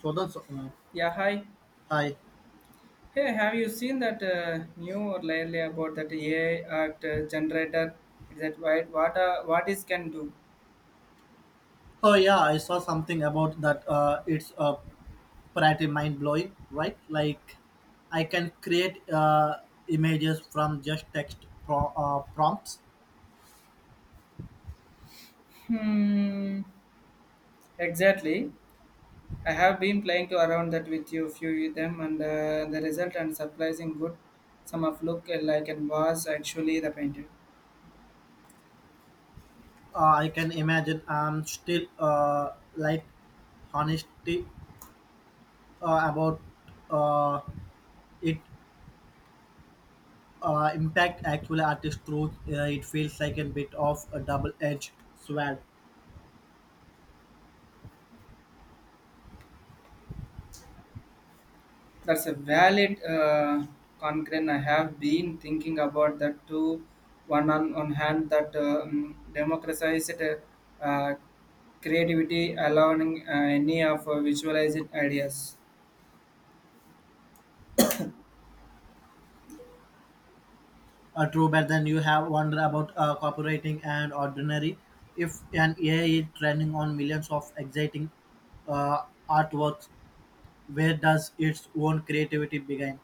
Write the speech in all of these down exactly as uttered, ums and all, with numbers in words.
Jordan's, uh, Yeah, hi. hi. Hey, have you seen that uh, new lately about that A I art uh, generator? Is that right? What uh, what is can do? Oh yeah, I saw something about that. Uh, it's uh, pretty mind blowing, right? Like, I can create uh, images from just text pro- uh, prompts. Hmm. Exactly. I have been playing to around that with you few of them, and uh, the result and surprising good. Some of look like and was actually the painting. Uh, I can imagine. I'm still uh, like honesty uh, about uh, it uh, impact actual artist truth. Uh, it feels like a bit of a double edged sword. That's a valid uh, concern. I have been thinking about that too. One on one hand, that uh, mm, democratized uh, creativity, allowing uh, any of uh, visualized ideas. Uh, true, but then you have wonder about uh, copywriting and ordinary. If an A I is training on millions of exciting uh, artworks, where does its own creativity begin?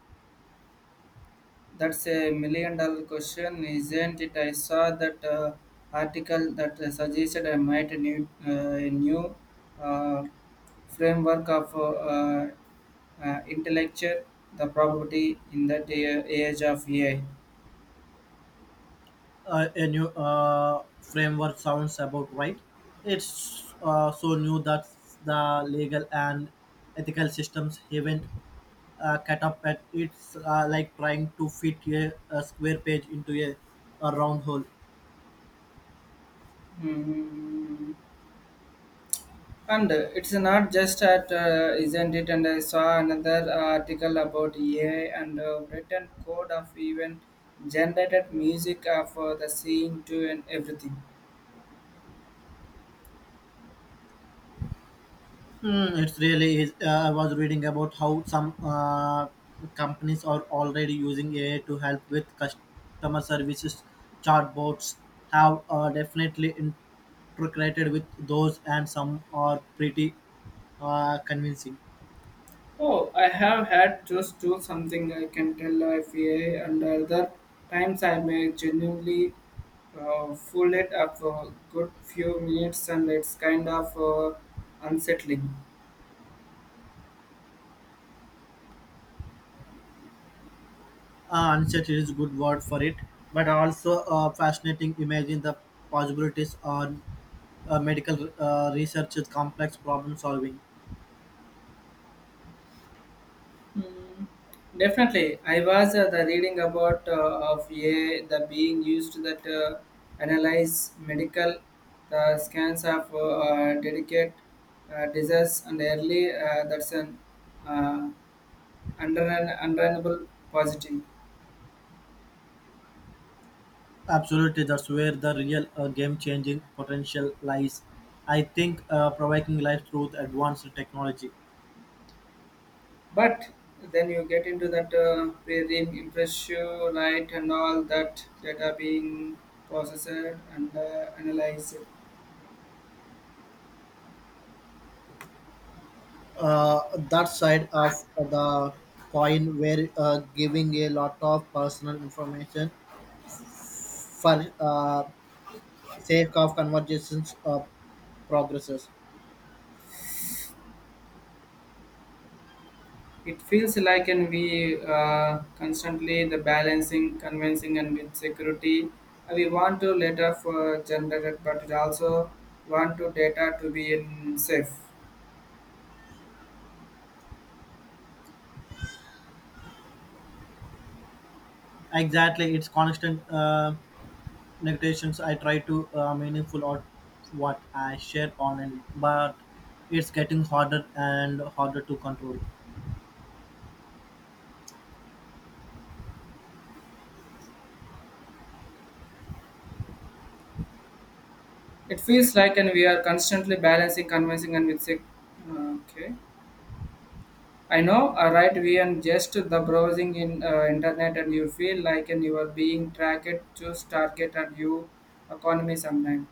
That's a million dollar question, isn't it? I saw that uh, article that uh, suggested I might need uh, a new uh, framework of uh, uh, intellectual the probability in that a- age of A I. Uh, a new uh, framework sounds about right. It's uh, so new that the legal and ethical systems haven't uh, cut up at it's uh, like trying to fit a, a square page into a, a round hole. Hmm. And uh, it's not just at, uh, isn't it? And I saw another article about E A and uh, written code of even generated music of uh, for the scene too and everything. Mm, it's really is. Uh, I was reading about how some uh, companies are already using A I to help with customer services. Chatbots have uh, definitely integrated with those, and some are pretty uh, convincing. Oh, I have had just do something I can tell if E A and other times I may genuinely uh, fool it up for a good few minutes and it's kind of uh, unsettling. Uh, unset is a good word for it, but also uh, fascinating. Imagine the possibilities on uh, medical uh, research, is complex problem solving. Mm, definitely, I was uh, the reading about uh, of a I the being used that uh, analyze medical the scans of uh, uh, delicate uh, disease and early uh, that's an uh, under an undeniable positive. Absolutely, that's where the real uh, game-changing potential lies. I think uh, providing life through the advanced technology. But then you get into that uh, very impressive light and all that data being processed and uh, analyzed. uh, that side of the coin where uh, giving a lot of personal information for uh, sake of conversations uh, progresses. It feels like and we uh, constantly the balancing, convincing, and with security. uh, We want to data for generated, but it also want to data to be in safe. Exactly, it's constant uh, negations. I try to uh, meaningful or what I share online, but it's getting harder and harder to control. It feels like and we are constantly balancing, convincing, and with sec- uh, okay. I know, uh, right? We and just the browsing in uh, internet, and you feel like and you are being tracked, choose target, and you economy sometimes.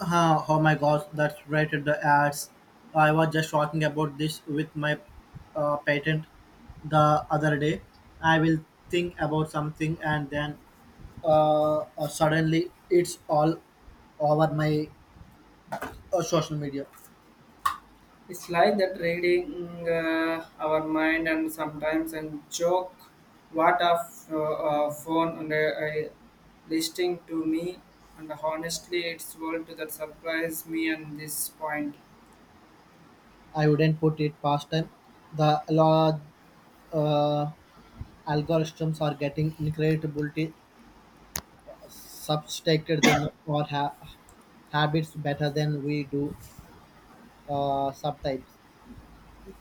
Uh, oh my gosh, that's rated the ads. I was just talking about this with my uh, patent the other day. I will think about something and then uh, uh, suddenly it's all over my uh, social media. It's like that reading uh, our mind and sometimes and joke what a f- uh, uh, phone and uh, uh, listening to me and honestly it's world to that surprise me and this point. I wouldn't put it past them. The law, uh, algorithms are getting incredibly substituted than or ha- habits better than we do uh, subtypes.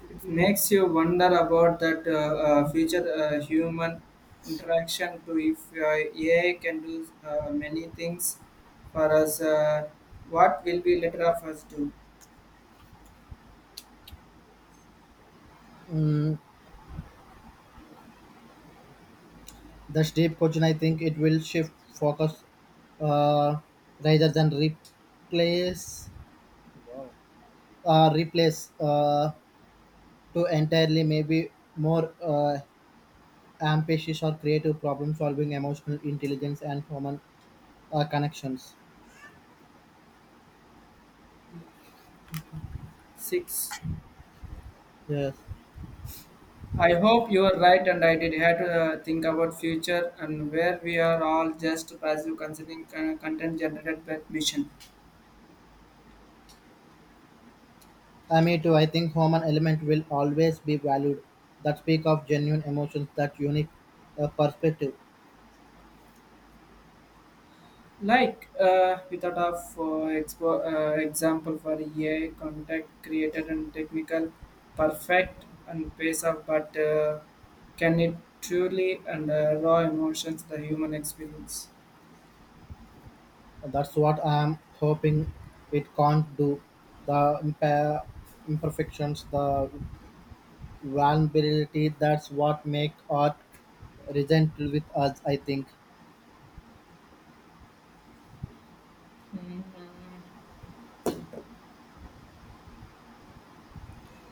It makes you wonder about that uh, uh, future uh, human interaction to if uh, A I can do uh, many things for us. Uh, what will be later of us do? Mm, the deep question. I think it will shift focus uh, rather than replace uh, replace uh, to entirely, maybe more uh, ambitious or creative problem solving, emotional intelligence, and human uh, connections. Six. Yes, I hope you are right, and I did have to uh, think about future and where we are all just passive considering con- content generated by mission. I me too. I think human element will always be valued. That speak of genuine emotions, that unique uh, perspective. Like uh, we thought of uh, expo- uh, example for A I content created and technical perfect and pace of, but uh, can it truly and uh, raw emotions the human experience? That's what I'm hoping it can't do. The imper- imperfections, the vulnerability, that's what make art resent with us, I think.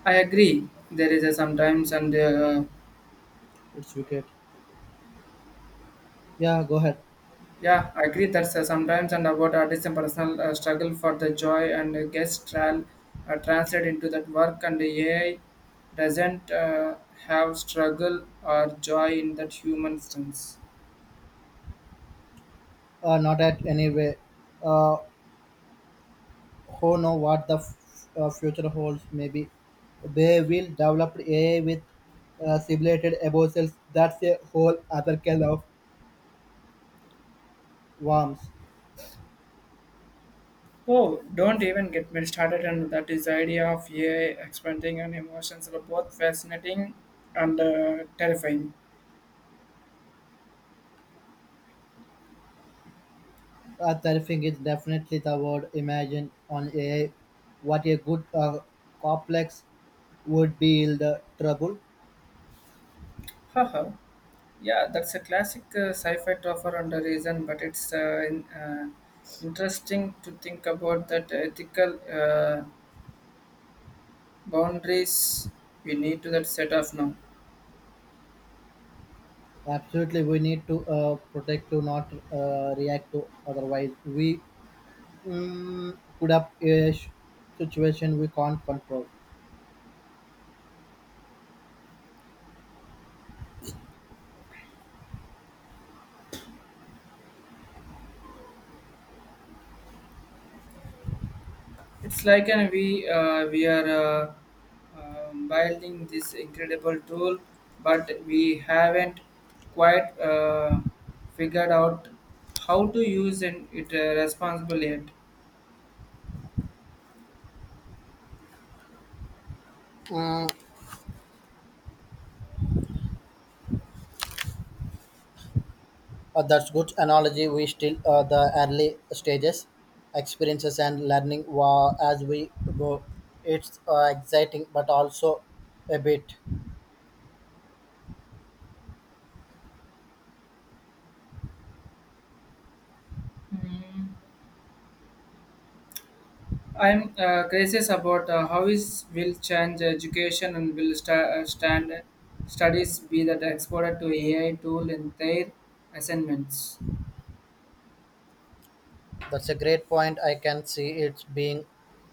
I agree. There is a sometimes and uh, It's wicked. Yeah, go ahead. yeah, I agree that's uh, sometimes and about artists and personal uh, struggle for the joy and uh, gets tral uh, translate into that work and the A I doesn't uh, have struggle or joy in that human sense. Uh, not at any way. Uh, who know what the f- uh, future holds, maybe. They will develop A I with uh, simulated emotions. That's a whole other kind of worms. Oh, don't even get me started on that is the idea of A I expanding and emotions are both fascinating and uh, terrifying. Uh, terrifying is definitely the word. Imagine on A I what a good uh, complex would be in the trouble. Haha. Yeah, that's a classic uh, sci-fi topper and a reason, but it's uh, in, uh, interesting to think about that ethical uh, boundaries we need to that set off now. Absolutely, we need to uh, protect to not uh, react to. Otherwise, we mm, put up a sh- situation we can't control. It's like an we uh, we are uh, um, building this incredible tool, but we haven't quite uh, figured out how to use it, it uh, responsibly yet. Mm, uh, that's good analogy. We still uh, the early stages, experiences and learning wa- as we go. It's uh, exciting, but also a bit. Mm. I'm uh, curious about uh, how is will change education and will sta- uh, stand studies be that exported to A I tool in their assignments. That's a great point. I can see it's being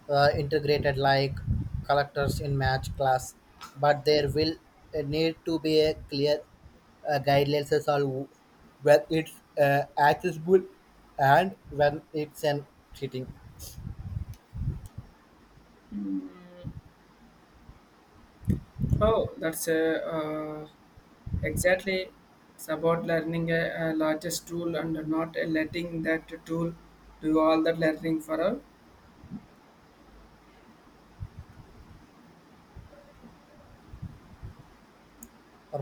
uh, integrated like collectors in match class, but there will uh, need to be a clear uh, guidelines as all when it's uh, accessible and when it's an cheating. Oh, that's uh, uh, exactly. It's about learning a, a largest tool and not letting that tool do all that learning for us.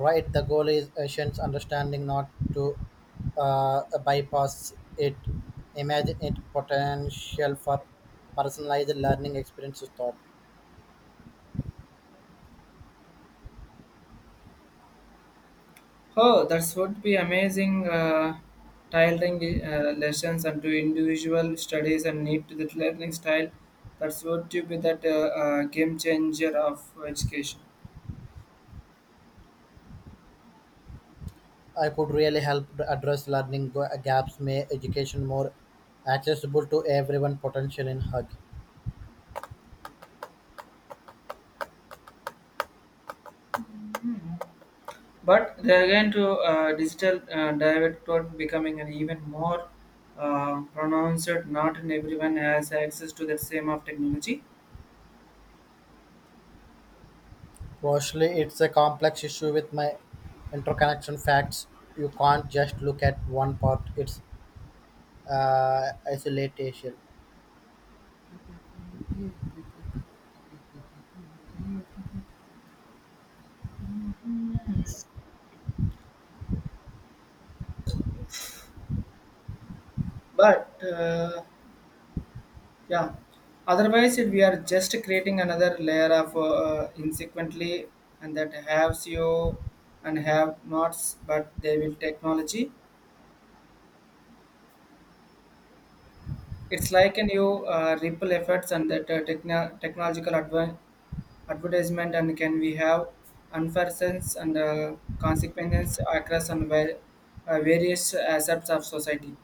Right, the goal is Asians understanding not to uh, bypass it. Imagine it potential for personalized learning experiences thought. Oh, that would be amazing. Uh, tailoring uh, lessons and to individual studies and need to the learning style. That's what to be that uh, uh, game changer of education. I could really help address learning ga- gaps, make education more accessible to everyone potential in HUG. But they again to uh, digital uh, direct toward becoming an even more uh, pronounced. Not in everyone has access to the same of technology, Mostly, it's a complex issue with my interconnection facts. You can't just look at one part. It's uh, isolation. but uh, yeah. Otherwise, it, we are just creating another layer of uh, insequently and that have you and have nots, but they will technology. It's like a new uh, ripple effects and that uh, techno- technological adv advertisement and can we have unfair sense and uh, consequences across and var- uh, various aspects of society.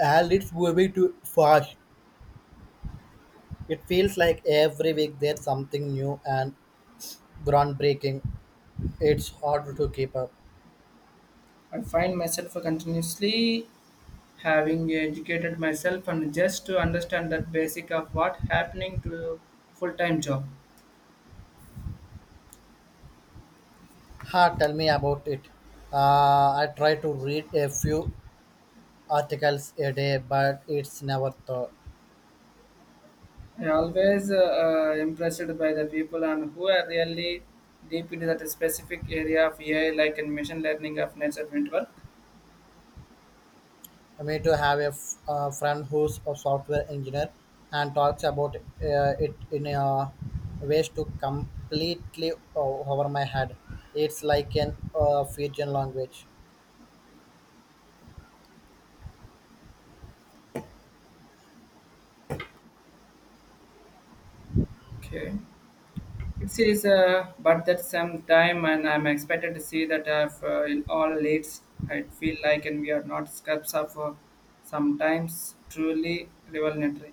And it's moving too fast. It feels like every week there's something new and groundbreaking. It's hard to keep up. I find myself continuously having educated myself and just to understand that basic of what happening to full-time job. Ha, tell me about it. Uh, I try to read a few articles a day, but it's never thought. I always uh, uh, impressed by the people and who are really deep into that specific area of AI like in machine learning of nature network. Me to have a f- uh, friend who's a software engineer and talks about uh, it in a ways to completely o- over my head. It's like an uh, Fijian language. Okay, it is uh, but that some time and I'm expected to see that if uh, in all leads I feel like and we are not scraps of uh, sometimes truly revelatory.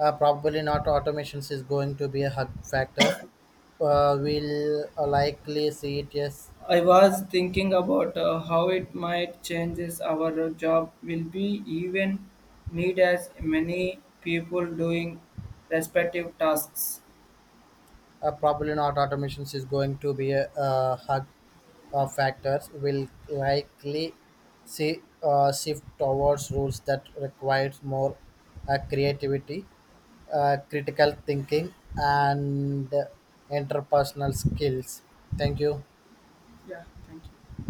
Uh, probably not automations is going to be a hug factor. Uh, we'll uh, likely see it, yes. I was thinking about uh, how it might changes our job. Will we even need as many people doing respective tasks? Uh, probably not automations is going to be a, a hug uh, factors will likely see uh, shift towards rules that requires more uh, creativity, uh, critical thinking, and uh, interpersonal skills. Thank you. Yeah, thank you.